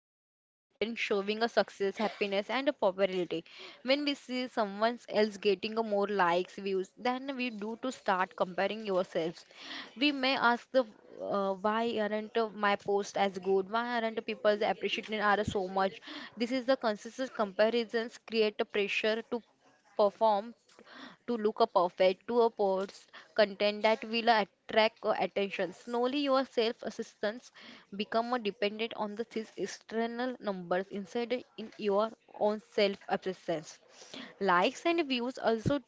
is filled the content showing a success, happiness and a popularity. When we see someone else getting a more likes, views than we do to start comparing yourselves. We may ask the why aren't my post as good? Why aren't people appreciating are so much? This is the consistent comparisons create a pressure to perform to look a perfect to a post content that will attract attention. Slowly your self-assistance become more dependent on the these external numbers instead in your own self-assistance. Likes and views also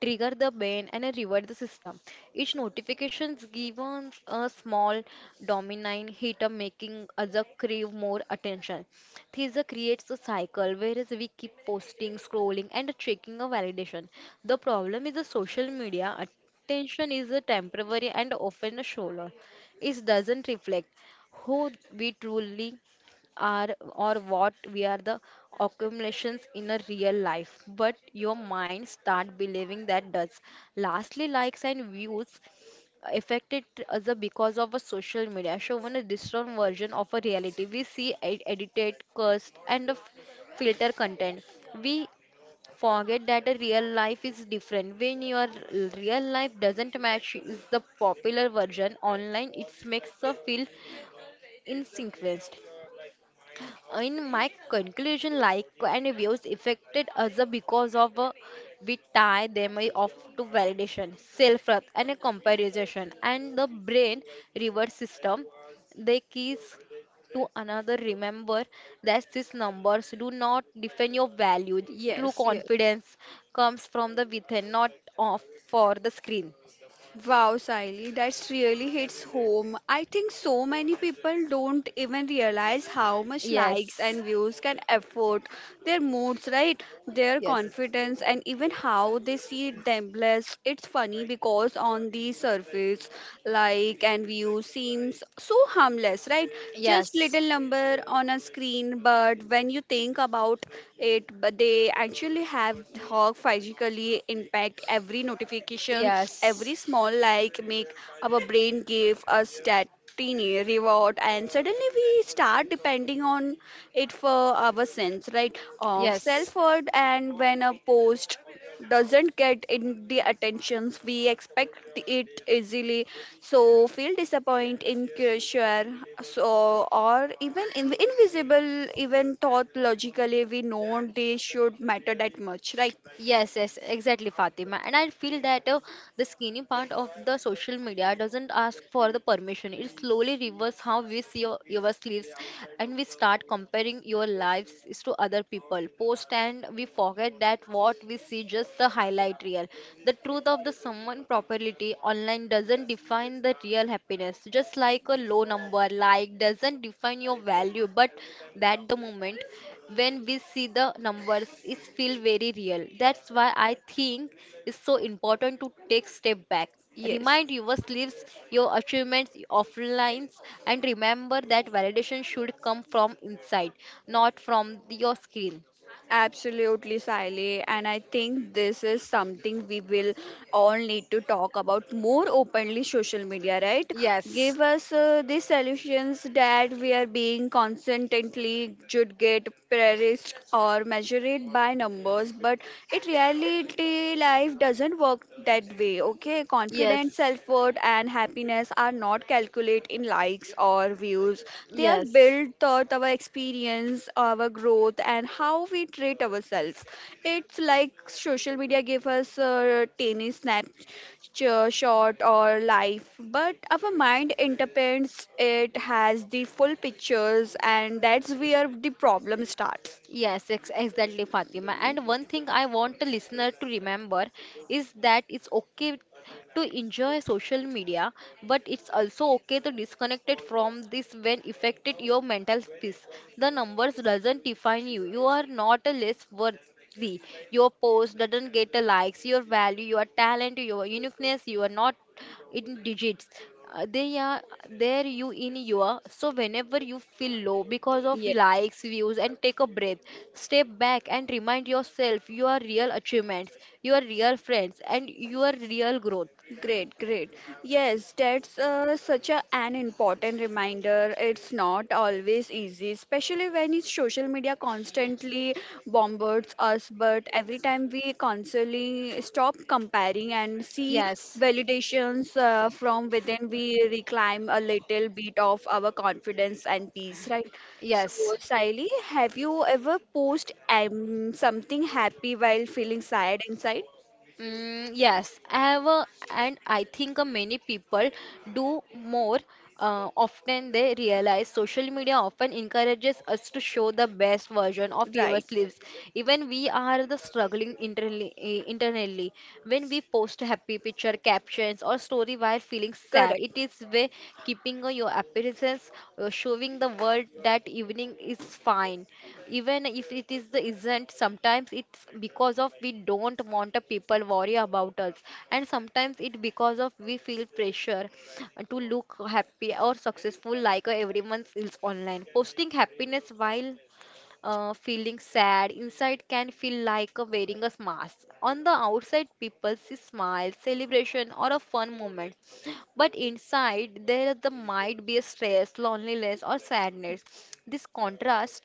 trigger the ban and reward the system. Each notifications gives a small dominant hit of making us crave more attention. This creates a cycle whereas we keep posting, scrolling and checking a validation. The problem is the social media attention is a temporary and often a shallow. It doesn't reflect who we truly are or what we are the accumulations in a real life, but your mind start believing that does lastly likes and views affected as a because of a social media shown a distorted version of a reality we see edited cursed and a filter content. We forget that a real life is different when your real life doesn't match is the popular version online. It makes us feel inconvenienced. In my conclusion, like and reviews affected us because of we tie them off to validation, self worth and a comparison and the brain reward system they keys to another. Remember that these numbers do not define your value. True Yes, yes. confidence comes from the within, not off for the screen. Wow, Siley, that's really hits home. I think so many people don't even realize how much likes Yes. and views can affect their moods, right? Their Yes. confidence and even how they see themselves. It's funny because on the surface like and view seems so harmless, right? Just Yes. little number on a screen, but when you think about it but they actually have how physically impact every notifications, Yes. every small like make our brain give us that tiny reward, and suddenly we start depending on it for our sense, right, of Yes. self worth. And when a post doesn't get in the attentions we expect, it easily so feel disappointed in so or even in invisible, even thought logically we know they should matter that much, right? Yes, yes, exactly, Fatima. And I feel that the skinny part of the social media doesn't ask for the permission. It slowly reverses how we see your lives, and we start comparing your lives is to other people post, and we forget that what we see just the highlight reel. The truth of the someone property online doesn't define the real happiness. Just like a low number like doesn't define your value, but that the moment when we see the numbers it feel very real. That's why I think it's so important to take step back, Yes. remind your sleeves your achievements offline, and remember that validation should come from inside, not from your screen. Absolutely, Sally. And I think this is something we will all need to talk about more openly, social media, right? Yes. Give us the solutions that we are being constantly should get praised or measured by numbers, but it reality life doesn't work that way. Okay, confidence, Yes. self worth, and happiness are not calculated in likes or views. They are Yes. built through our experience, our growth, and how we treat ourselves. It's like social media give us a tiny snapshot or life, but our mind interprets it has the full pictures, and that's where the problem starts. Yes, ex exactly, Fatima. And one thing I want the listener to remember is that it's okay to enjoy social media, but it's also okay to disconnect it from this when affected your mental peace. The numbers doesn't define you. You are not a less worth we your post doesn't get the likes, your value, your talent, your uniqueness, you are not in digits. They are there you in your so whenever you feel low because of likes views and take a breath, step back and remind yourself your real achievements, your real friends and your real growth. Great, great. Yes, that's such an important reminder. It's not always easy, especially when it's social media constantly bombards us. But every time we constantly stop comparing and see Yes, validations from within, we reclaim a little bit of our confidence and peace, right? So, yes. Siley, have you ever posted something happy while feeling sad inside? Mm, yes, I have a, and I think many people do more often they realize social media often encourages us to show the best version of ourselves even we are the struggling internally, eh, internally, when we post happy picture captions or story while feeling sad. It is way way, keeping your appearances, showing the world that evening is fine. Even if it is the isn't, sometimes it's because of we don't want the people worry about us, and sometimes it because of we feel pressure to look happy or successful like everyone else online. Posting happiness while feeling sad inside can feel like a wearing a mask. On the outside, people see smile, celebration, or a fun moment, but inside there is the might be a stress, loneliness, or sadness. This contrast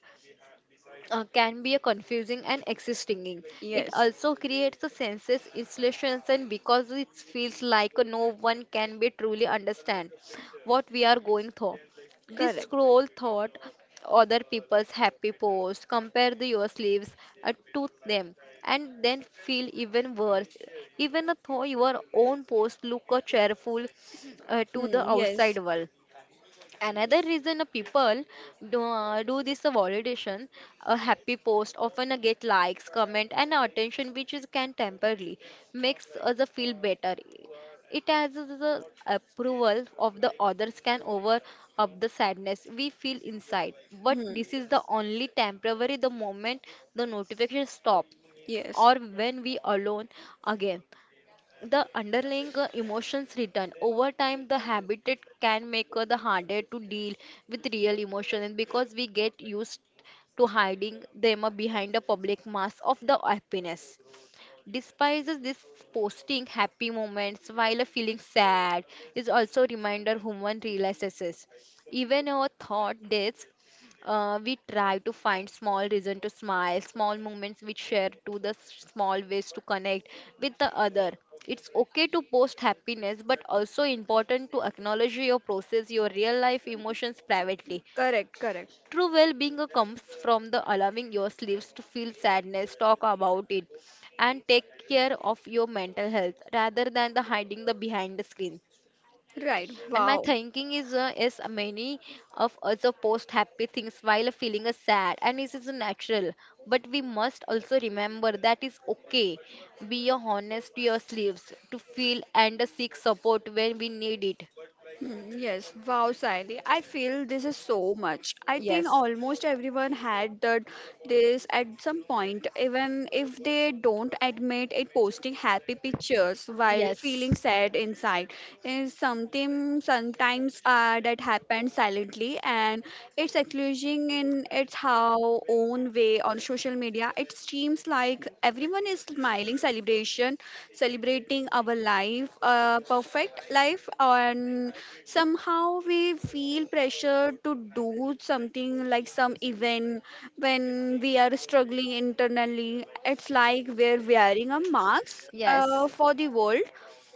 can be a confusing and existing. It. It Yes. also creates a senses installations and because it feels like no one can be truly understand what we are going through. This Correct. So when we. scroll thought other people's happy posts, compare the your sleeves to them and then feel even worse even though your own post look cheerful to Hmm. the Talk. Yes. outside About. world. Another reason a people do, do this validation, a happy post often get likes, comment, and attention, which is can temporarily makes us feel better. It has the approval of the others can over up the sadness we feel inside. But this is the only temporary. The moment the notification stop Yes. or when we alone again, the underlying emotions return. Over time the habit it can make the harder to deal with real emotion and because we get used to hiding them behind a public mask of the happiness despises this. Posting happy moments while feeling sad is also reminder human realizes even our thought days, we try to find small reason to smile, small moments we share to the small ways to connect with the other. It's okay to post happiness but also important to acknowledge your process, your real life emotions privately. Correct, correct. True well being comes from the allowing yourselves to feel sadness, talk about it, and take care of your mental health rather than the hiding the behind the screen. Right. And my Wow. thinking is many of us post happy things while feeling sad, and this is natural. But we must also remember that it's okay. Be honest to your sleeves to feel and seek support when we need it. Yes, wow, Sally. I feel this is so much. I think Yes, almost everyone had that this at some point, even if they don't admit it. Posting happy pictures while yes, feeling sad inside is something sometimes that happens silently, and it's acknowledging in it's how own fun way. On social media it seems like everyone is smiling, celebration celebrating our life, perfect life, and somehow we feel pressure to do something like some event when we are struggling internally. It's like we're wearing a mask yes. For the world,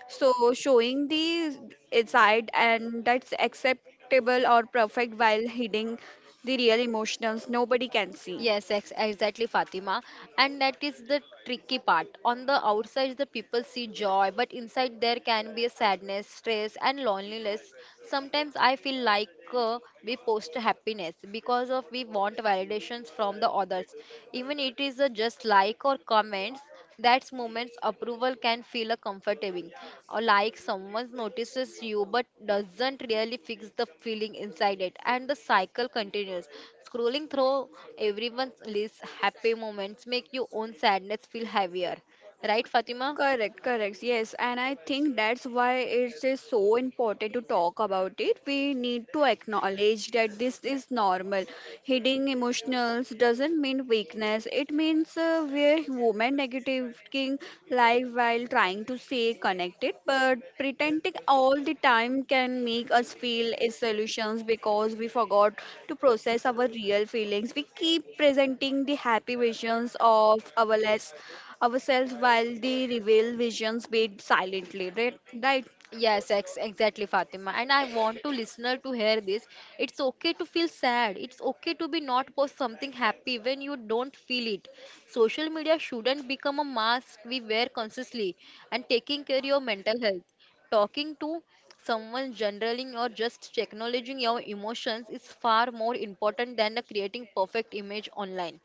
so showing the side and that's acceptable or perfect while hiding the real emotions nobody can see. Yes, ex exactly, Fatima. And that is the tricky part. On the outside, the people see joy, but inside there can be a sadness, stress, and loneliness. Sometimes I feel like we post happiness because of we want validations from the others, even it is just like or comments. That moment's approval can feel a comforting, or like someone notices you but doesn't really fix the feeling inside it, and the cycle continues. Scrolling through everyone's list, happy moments make your own sadness feel heavier. Right, Fatima? Correct, correct. Yes, and I think that's why it is so important to talk about it. We need to acknowledge that this is normal. Hiding emotionals doesn't mean weakness. It means we're human negating life while trying to stay connected, but pretending all the time can make us feel solutions because we forgot to process our real feelings. We keep presenting the happy versions of our lives ourselves while the reveal visions beat silently, right, right, Yes, ex exactly, Fatima. And I want to listener to hear this. It's okay to feel sad. It's okay to be not post something happy when you don't feel it. Social media shouldn't become a mask we wear consciously. And taking care of your mental health, talking to someone, generaling or just acknowledging your emotions is far more important than creating perfect image online.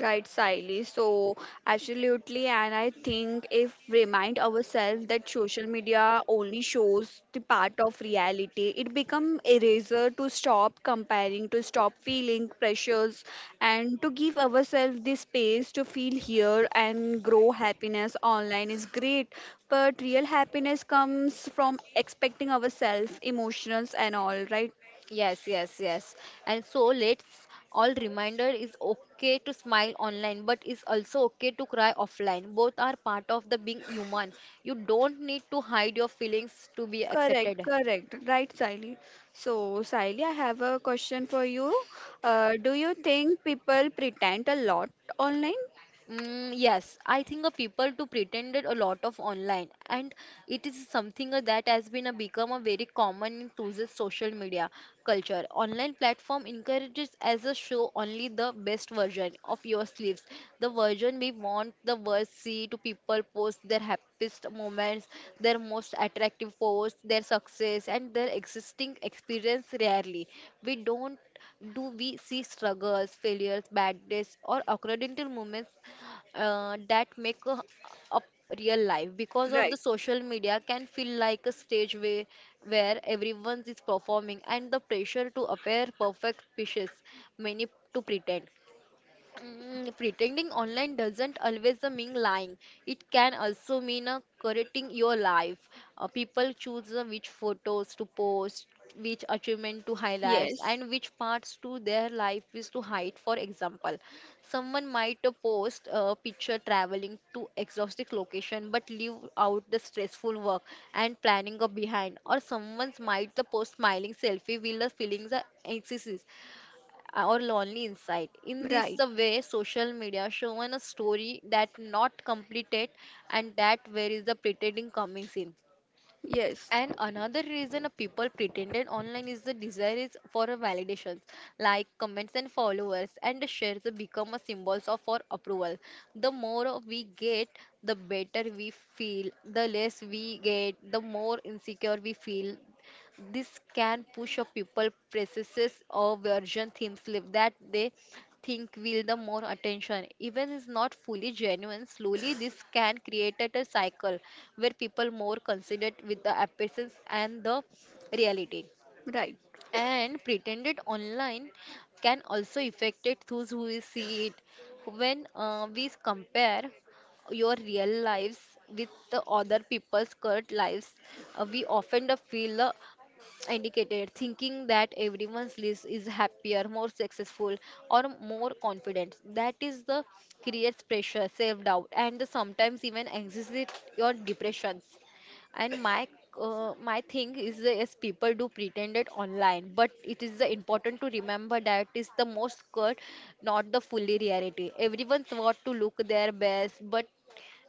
right silently. So absolutely, and I think if remind ourselves that social media only shows the part of reality, it become eraser to stop comparing, to stop feeling pressures, and to give ourselves the space to feel here and grow. Happiness online is great, but real happiness comes from expecting ourselves emotions and all, right? Yes, yes, yes. And so let's all reminder is okay to smile online, but is also okay to cry offline. Both are part of the being human. You don't need to hide your feelings to be Correct, accepted. correct. Right, Sally. So, Sally, I have a question for you. Do you think people pretend a lot online? Mm, yes, I think a people to pretended a lot of online, and it is something that has been a become a very common in today's social media culture. Online platform encourages as a show only the best version of your sleeves, the version we want the world see to people post their happiest moments, their most attractive posts, their success, and their existing experience rarely. We don't do we see struggles, failures, bad days, or accidental moments that make up real life? Because of the Right. social media can feel like a stage way where everyone is performing and the pressure to appear perfect pushes many to pretend. Mm, pretending online doesn't always mean lying. It can also mean curating your life. People choose which photos to post, which achievement to highlight, Yes. and which parts to their life is to hide. For example, someone might post a picture traveling to exotic location but leave out the stressful work and planning of behind, or someone's might the post smiling selfie will the feelings are anxious or lonely inside. In this Right. the way, social media shown a story that not completed, and that where is the pretending comes in. Yes. And another reason a people pretended online is the desire is for a validation, like comments and followers, and the shares become a symbols of our approval. The more we get, the better we feel. The less we get, the more insecure we feel. This can push a people processes or version themes live that they think will the more attention. Even is not fully genuine. Slowly, this can create at a cycle where people more considered with the appearance and the reality. Right. And pretended online can also affect it those who will see it. When we compare your real lives with the other people's current lives, we often the feel the indicated thinking that everyone's list is happier more successful or more confident that is the creates pressure self doubt and the sometimes even anxiety or depressions and my thing is that yes people do pretend it online but it is the important to remember that is the most cut not the fully reality everyone's want to look their best but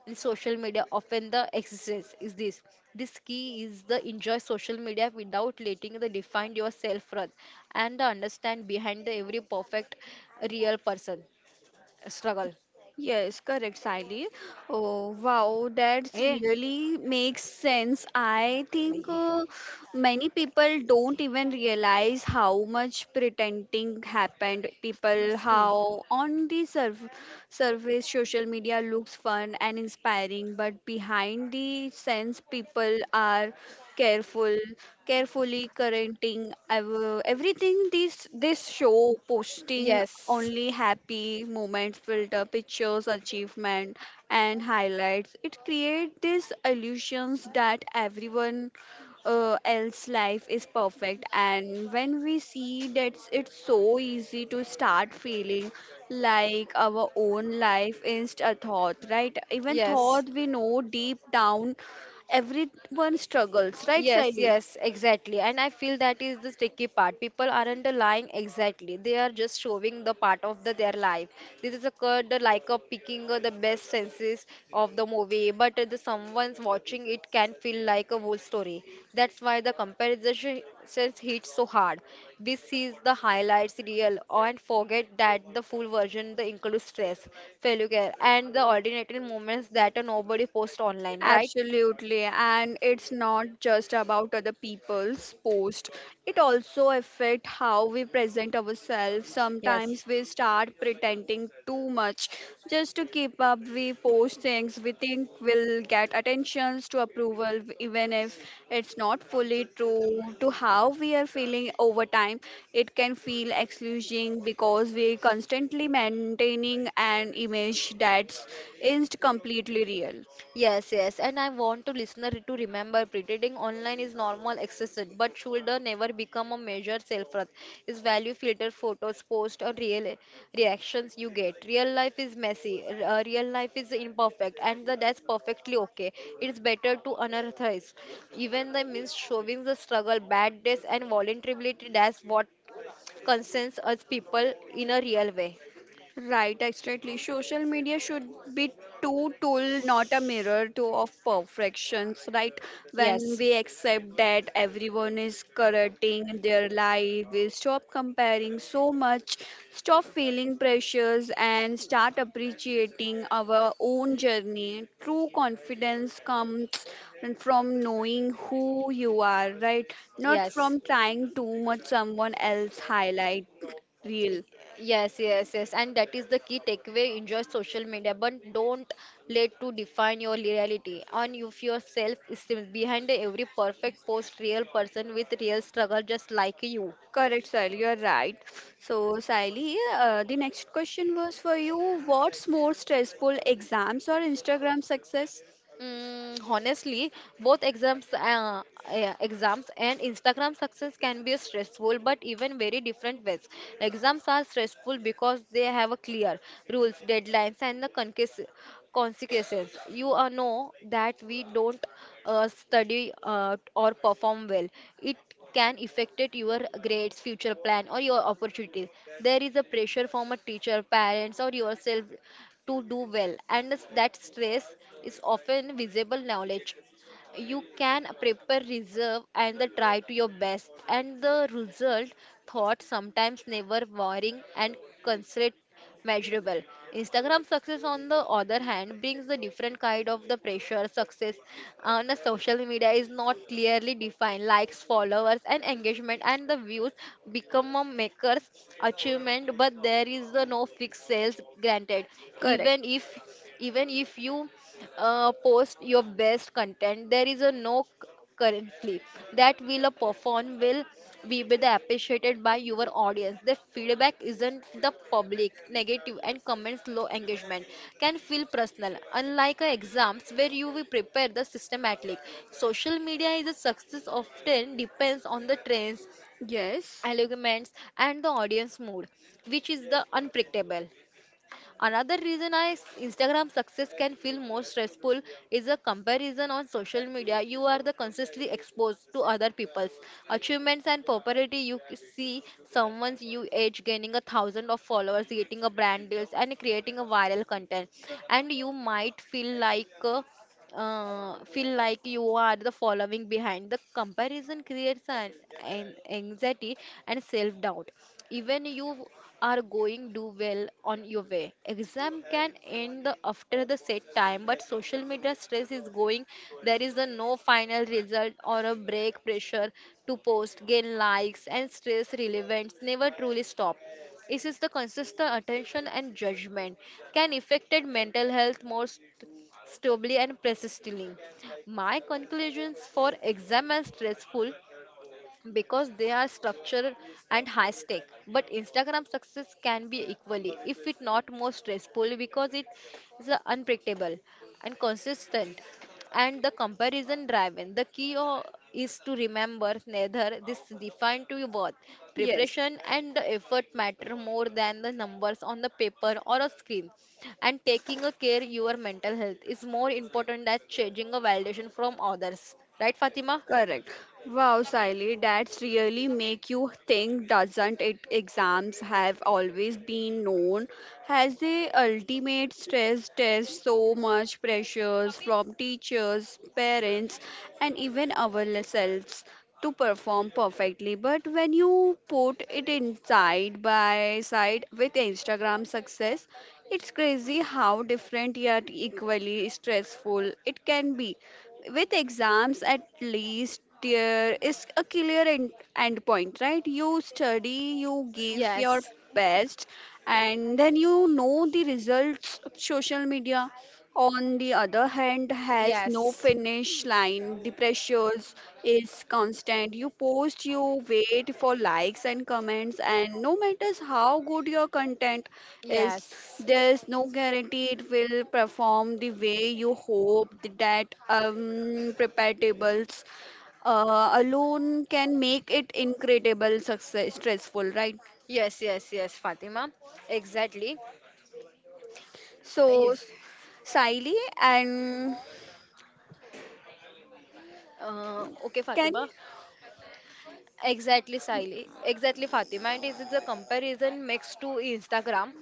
in social media often the existence is this key is the enjoy social media without letting the define your self worth and the understand behind the every perfect real person struggle Yes, correct, Sally. Oh, wow, that's eh really makes sense. I think many people don't even realize how much pretending happened. People, how on the surface social media looks fun and inspiring, but behind the scenes, people are careful, carefully correcting everything this show, posting yes only happy moments, filter pictures, achievement, and highlights. It creates these illusions that everyone else life is perfect, and when we see that, it's so easy to start feeling like our own life is a thought, right? Even yes. thought we know deep down everyone struggles, right, Yes, Saili? yes, exactly. And I feel that is the tricky part. People aren't lying exactly. They are just showing the part of the, their life. This is occurred like a picking the best senses of the movie, but the someone's watching it can feel like a whole story. That's why the comparison says hit so hard. This is the highlights real and forget that the full version the includes stress, failure care, and the ordinary moments that nobody posts online, right? Absolutely, and it's not just about other people's post. It also affect how we present ourselves. Yes. Sometimes we start pretending too much just to keep up. We post things we think will get attentions to approval, even if it's not fully true to how we are feeling over time. It can feel excluding because we are constantly maintaining an image that's isn't completely real. Yes, yes, and I want to listener to remember pretending online is normal exercise, but should never become a major self-worth. Is value filter photos, post or real reactions you get. Real life is messy. Real life is imperfect, and the, that's perfectly okay. It's better to unearthize. Even the means showing the struggle, bad days, and vulnerability. That's what concerns us people in a real way. Right, exactly. Social media should be two tool, not a mirror to of perfections, right? When Yes, we accept that everyone is correcting their life, we stop comparing so much, stop feeling pressures, and start appreciating our own journey. True confidence comes from knowing who you are, right? Not yes. from trying too much someone else highlight real. Yes, yes, yes, and that is the key takeaway. Enjoy social media, but don't let to define your reality. And if your self esteem behind every perfect post, real person with real struggle, just like you. Correct, Sahil, you're right. So, Sahili, the next question was for you. What's more stressful, exams or Instagram success? Mm, honestly, both exams, exams and Instagram success can be stressful, but even very different ways. Exams are stressful because they have a clear rules, deadlines, and the consequences. You know that we don't study or perform well. It can affect it your grades, future plan, or your opportunities. There is a pressure from a teacher, parents, or yourself to do well, and that stress is often visible knowledge you can prepare reserve and the try to your best and the result thought sometimes never worrying and considered measurable. Instagram success on the other hand brings the different kind of the pressure success on the social media is not clearly defined likes followers and engagement and the views become a maker's achievement but there is the no fixed sales granted Correct. even if you post your best content there is a no c- currently that will perform will be with appreciated by your audience the feedback isn't the public negative and comments low engagement can feel personal unlike exams where you will prepare the systematic social media is a success often depends on the trends Yes, algorithms and the audience mood which is the unpredictable. Another reason I Instagram success can feel more stressful is a comparison on social media. You are the constantly exposed to other people's achievements and popularity. See someone's you age gaining a thousand of followers, getting a brand deals, and creating a viral content, and you might feel like. Feel like you are the following behind. The comparison creates an anxiety and self doubt. Even you are going do well on your way. Exam can end the, after the set time, but social media stress is going. There is a no final result or a break pressure to post, gain likes, and stress relevance never truly stop. This is the consistent attention and judgment can affect mental health stably and persistently. My conclusions for exam are stressful because they are structured and high stake but instagram success can be equally if it not more stressful because it is unpredictable and consistent and the comparison driven is to remember neither this defined to your worth yes. preparation and the effort matter more than the numbers on the paper or a screen and taking a care your mental health is more important than changing a validation from others right fatima. Correct. Wow, Sally, that's really make you think, doesn't it? Exams have always been known as the ultimate stress test, so much pressures from teachers, parents, and even ourselves to perform perfectly. But when you put it in side by side with Instagram success, it's crazy how different yet equally stressful it can be. With exams, at least there is a clear end point, right? You study, you give your Yes. best, and then you know the results. Of social media on the other hand, has no Yes, finish line. The pressures is constant. You post, you wait for likes and comments, and no matters how good your content is, yes, there's no guarantee it will perform the way you hope. That preparables alone can make it incredible success stressful, right? yes, yes, yes, Fatima. Exactly. So, Yes. Siley, and Okay, can. Fatima. Exactly, Siley. Exactly, Fatima. And this is a comparison makes to Instagram.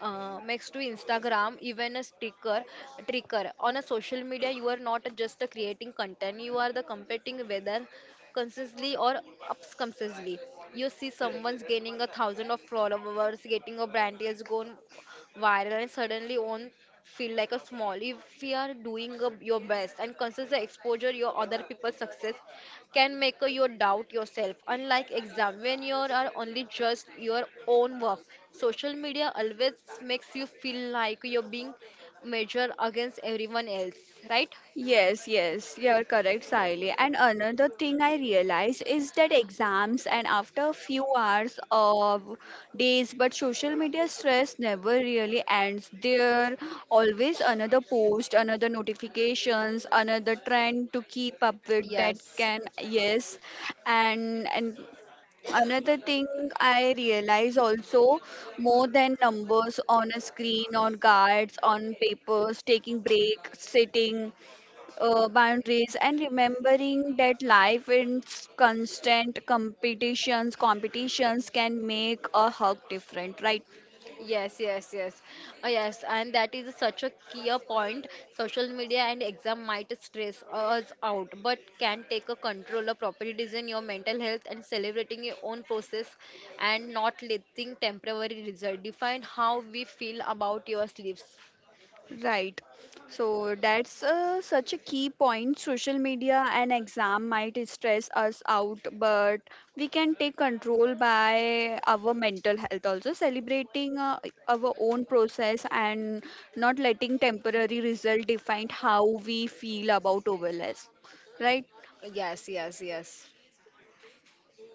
Makes to Instagram, even a sticker, tricker. On a social media, you are not just creating content, you are the competing whether consciously or subconsciously. You see someone's gaining a thousand of followers, getting a brand deal's gone viral, and suddenly on feel like a small if we are doing a, your best and consider the exposure your other people's success can make a, your doubt yourself unlike exam when you are only just your own work social media always makes you feel like you're being measured against everyone else right Yes, yes, you're correct, Sahili. And another thing I realized is that exams and after a few hours of days, but social media stress never really ends. There always another post, another notifications, another trend to keep up with that yes. can. Yes, and another thing I realize also, more than numbers on a screen, on cards, on papers, taking break, sitting boundaries, and remembering that life in constant competitions can make a hug different, right? Yes, yes, yes. Yes, and that is such a key a point. Social media and exam might stress us out, but can take a control of property design your mental health and celebrating your own process and not letting temporary result define how we feel about your sleeps. Right, so that's such a key point. Social media and exam might stress us out, but we can take control by our mental health, also celebrating our own process, and not letting temporary result define how we feel about overless, right? Yes, yes, yes.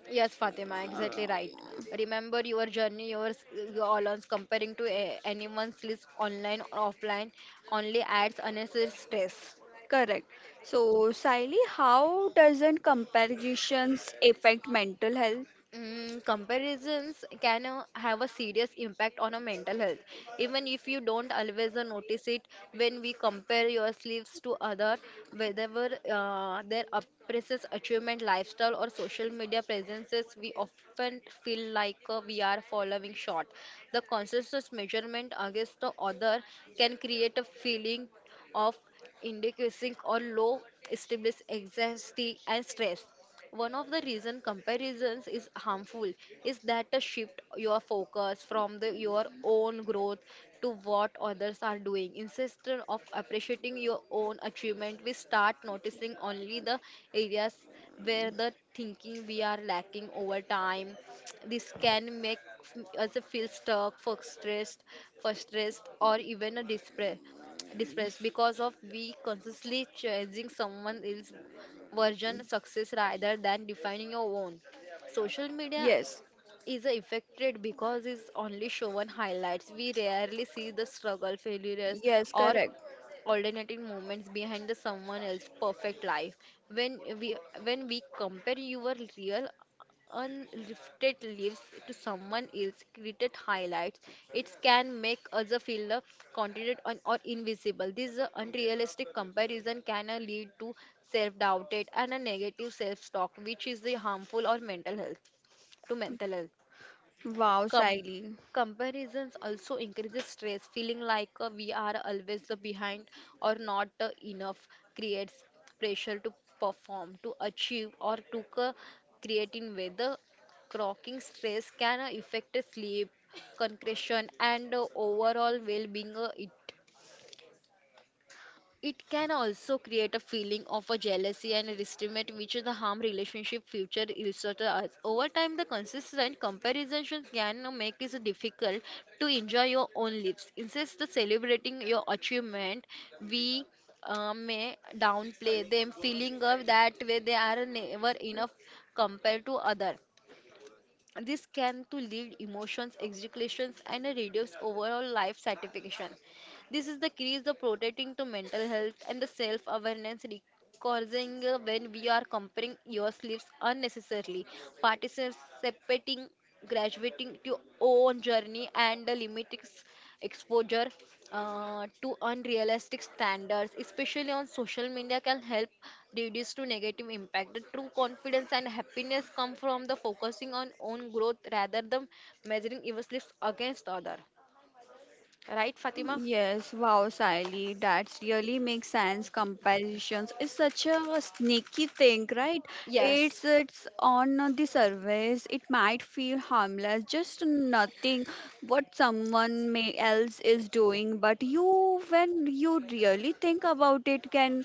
Yes, Fatima, exactly right. Remember your journey, yours, your allowance comparing to a, anyone's list online or offline only adds unnecessary stress. Correct. So, Siley, how doesn't comparisons affect mental health? Mm, comparisons can have a serious impact on our mental health even if you don't always notice it when we compare your sleeves to other whether their appraises achievement lifestyle or social media presences we often feel like we are falling short the conscious measurement against the other can create a feeling of inadequacy or low established anxiety and stress. One of the reason comparisons is harmful is that a shift your focus from the, your own growth to what others are doing. Instead of appreciating your own achievement, we start noticing only the areas where the thinking we are lacking over time. This can make us feel stuck, frustrated, or even a despair depressed because of we consciously chasing someone else version success rather than defining your own. Social media Yes, is affected because it's only shown highlights. We rarely see the struggle, failures, yes, or correct. alternating moments behind the someone else's perfect life. When we when we compare your real unlifted lives to someone else created highlights, it can make us feel confident or invisible. This unrealistic comparison can lead to self-doubt and a negative self-talk, which is harmful or mental health to mental health. Wow, Com- Siley. Comparisons also increases stress feeling like we are always the behind or not enough creates pressure to perform to achieve or to create in weather croaking stress can affect sleep concentration, and overall well-being it it can also create a feeling of a jealousy and a resentment which is the harm relationship future illustrator us. Over time, the consistent comparison can make it difficult to enjoy your own lives. Instead of celebrating your achievement, we may downplay them, feeling of that way they are never enough compared to other. This can to lead emotions, executions, and a reduce overall life satisfaction. This is the key is protecting to mental health and the self awareness causing when we are comparing your sleeves unnecessarily, participating, graduating to your own journey and the exposure to unrealistic standards, especially on social media, can help reduce to negative impact. The true confidence and happiness come from the focusing on own growth rather than measuring your sleeves against other. Right, Fatima? Yes, wow, Sai entirely. That really makes sense. Comparisons is such a sneaky thing, right? Yes. It's on the surface. It might feel harmless, just nothing what someone may else is doing. But you, when you really think about it, can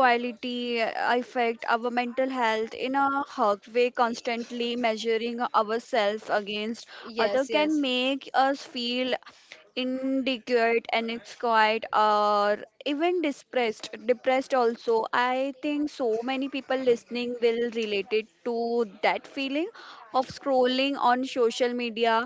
quality affect our mental health in a hard way. Constantly measuring ourselves against other Yes, can yes. make us feel inadequate, and it's quite or even depressed also. I think so many people listening will relate it to that feeling of scrolling on social media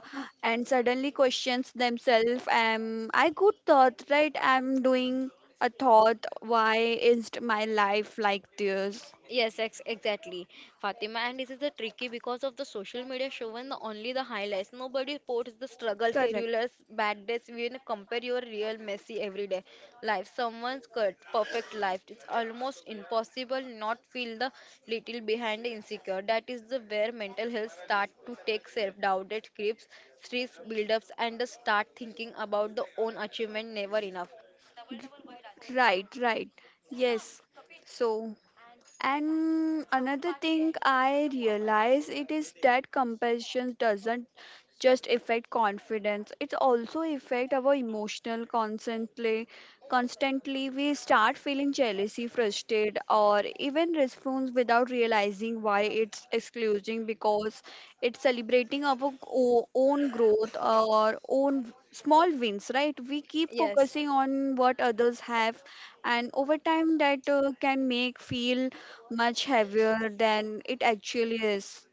and suddenly questions themselves, am I good thought, right? I'm doing a thought. Why is my life like this? Yes, ex exactly, Fatima. And this is the tricky because of the social media showing the, only the highlights. Nobody posts the struggle, Correct. failures, bad days. Compare your real messy everyday life. Someone's cut, perfect life. It's almost impossible not feel the little behind insecure. That is the where mental health start to take self-doubt, it creeps, stress buildups, and the start thinking about the own achievement never enough. Right, right. Yes. So, and another thing I realize it is that compassion doesn't just affect confidence. It also affect our emotional constantly. Constantly we start feeling jealousy, frustrated, or even response without realizing why. It's excluding because it's celebrating our own growth, our own small wins, right? We keep Yes. focusing on what others have, and over time that can make feel much heavier than it actually is.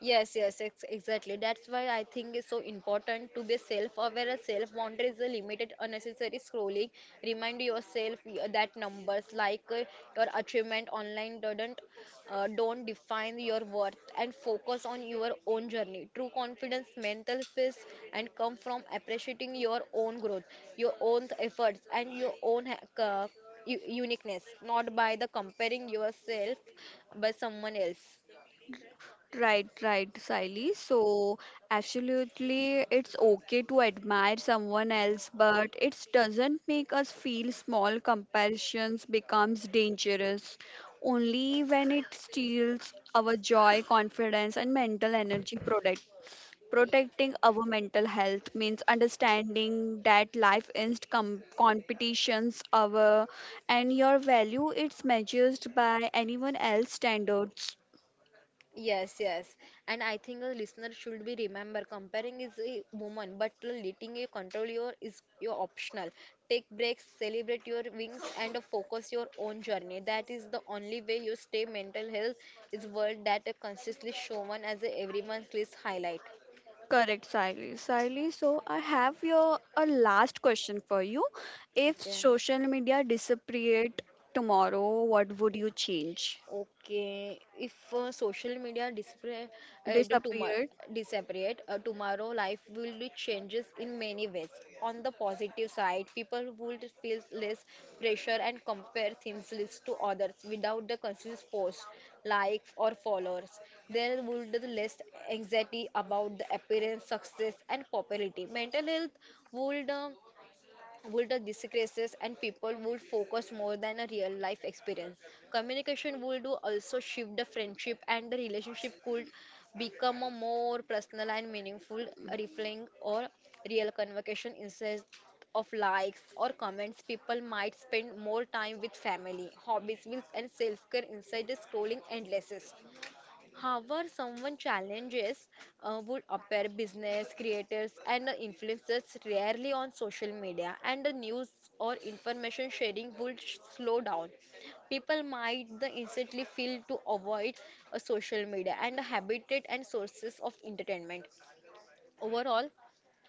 Yes, yes, ex exactly. That's why I think it's so important to be self-aware. And self is a limited unnecessary scrolling. Remind that numbers, like your achievement online doesn't don't define your worth and focus on your own journey true confidence mental peace and come from appreciating your own growth your own efforts and your own uniqueness not by the comparing yourself by someone else. Right, right, Siley. So, absolutely, it's okay to admire someone else, but it doesn't make us feel small. Comparisons becomes dangerous only when it steals our joy, confidence, and mental energy. Protecting our mental health means understanding that life is competitions our, and your value it's measured by anyone else standards. Yes, yes. And I think a listener should be remember comparing is a woman, but letting you control your is your optional. Take breaks, celebrate your wings, and focus your own journey. That is the only way you stay mental health is world that a consciously shown as a everyone's list highlight. Correct, Siley. Siley, so I have your a last question for you. If Okay. social media disappeared tomorrow, what would you change? Okay, if social media disappear, the tomorrow Disappeared? disappeared, tomorrow life will be changes in many ways. On the positive side, people would feel less pressure and compare themselves to others without the conscious post, likes or followers. There would be less anxiety about the appearance, success and popularity. Mental health would uh, would disgraces and people would focus more than a real life experience communication would do also shift the friendship and the relationship could become a more personal and meaningful reflecting or real conversation instead of likes or comments people might spend more time with family hobbies meals and self-care instead of scrolling endlessly. However, someone challenges would appear business creators and influencers rarely on social media, and the news or information sharing would slow down. People might the instantly feel to avoid social media and the habitat and sources of entertainment. Overall,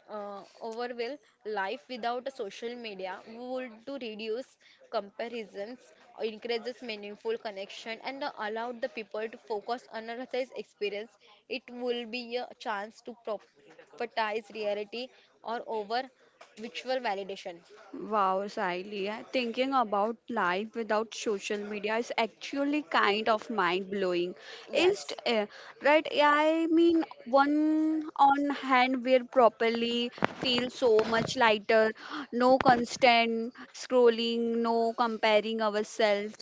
overwhelm life without a social media would to reduce comparisons encourages meaningful connection and allow the people to focus on a realized experience. It will be a chance to propertize reality or over virtual validation. Wow, Sahili, I- thinking about life without social media is actually kind of mind-blowing. Yes. Inst eh, right? I mean, one on hand, we're properly feel so much lighter. No constant scrolling, no comparing ourselves.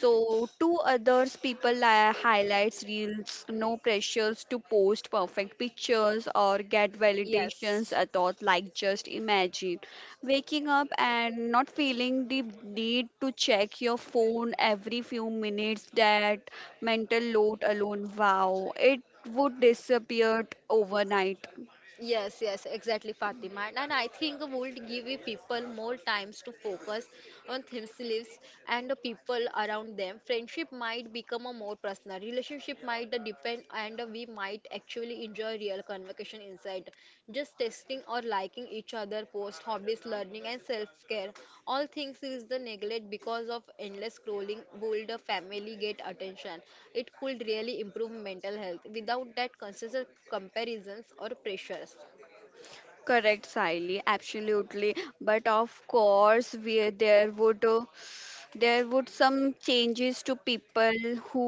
So to others, people highlights reels, no pressures to post perfect pictures or get validations. Yes. I thought like just imagine waking up and not feeling the need to check your phone every few minutes. That mental load alone, wow, it would disappear overnight. Yes, yes, exactly, Fatima. And I think would give you people more times to focus on themselves and the people around them. Friendship might become a more personal relationship might depend and we might actually enjoy real conversation instead. Just testing or liking each other post hobbies, learning and self-care. All things is the neglect because of endless scrolling would a family get attention. It could really improve mental health without that constant comparisons or pressures. Correct, Siley, absolutely. But of course, we there would some changes to people who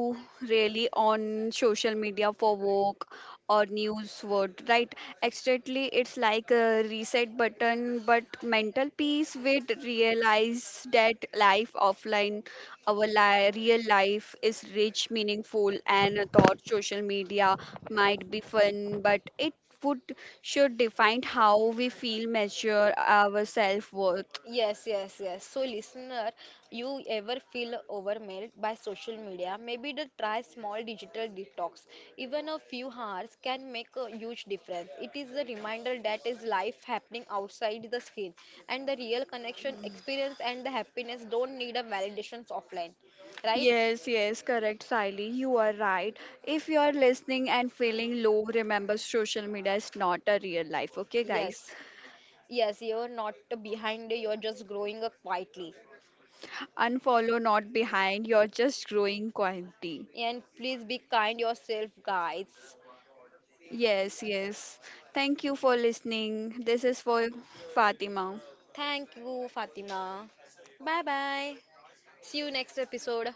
really on social media for work or news word, right? Exactly, it's like a reset button, but mental peace would realize that life offline, our real life is rich, meaningful, and a thought social media might be fun, but it would should define how we feel measure our self-worth. Yes, yes, yes. So, listener, you ever feel overwhelmed by social media? Maybe the try small digital detox. Even a few hours can make a huge difference. It is a reminder that is life happening outside the screen, and the real connection, experience, and the happiness don't need a validations offline, right? Yes, yes, correct, Siley. You are right. If you are listening and feeling low, remember social media is not a real life. Okay, guys? Yes. Yes, you're not behind, you're just growing up quietly. Unfollow, not behind. You're just growing quality. And please be kind yourself, guys. Yes, yes. Thank you for listening. This is for Fatima. Thank you, Fatima. Bye bye. See you next episode.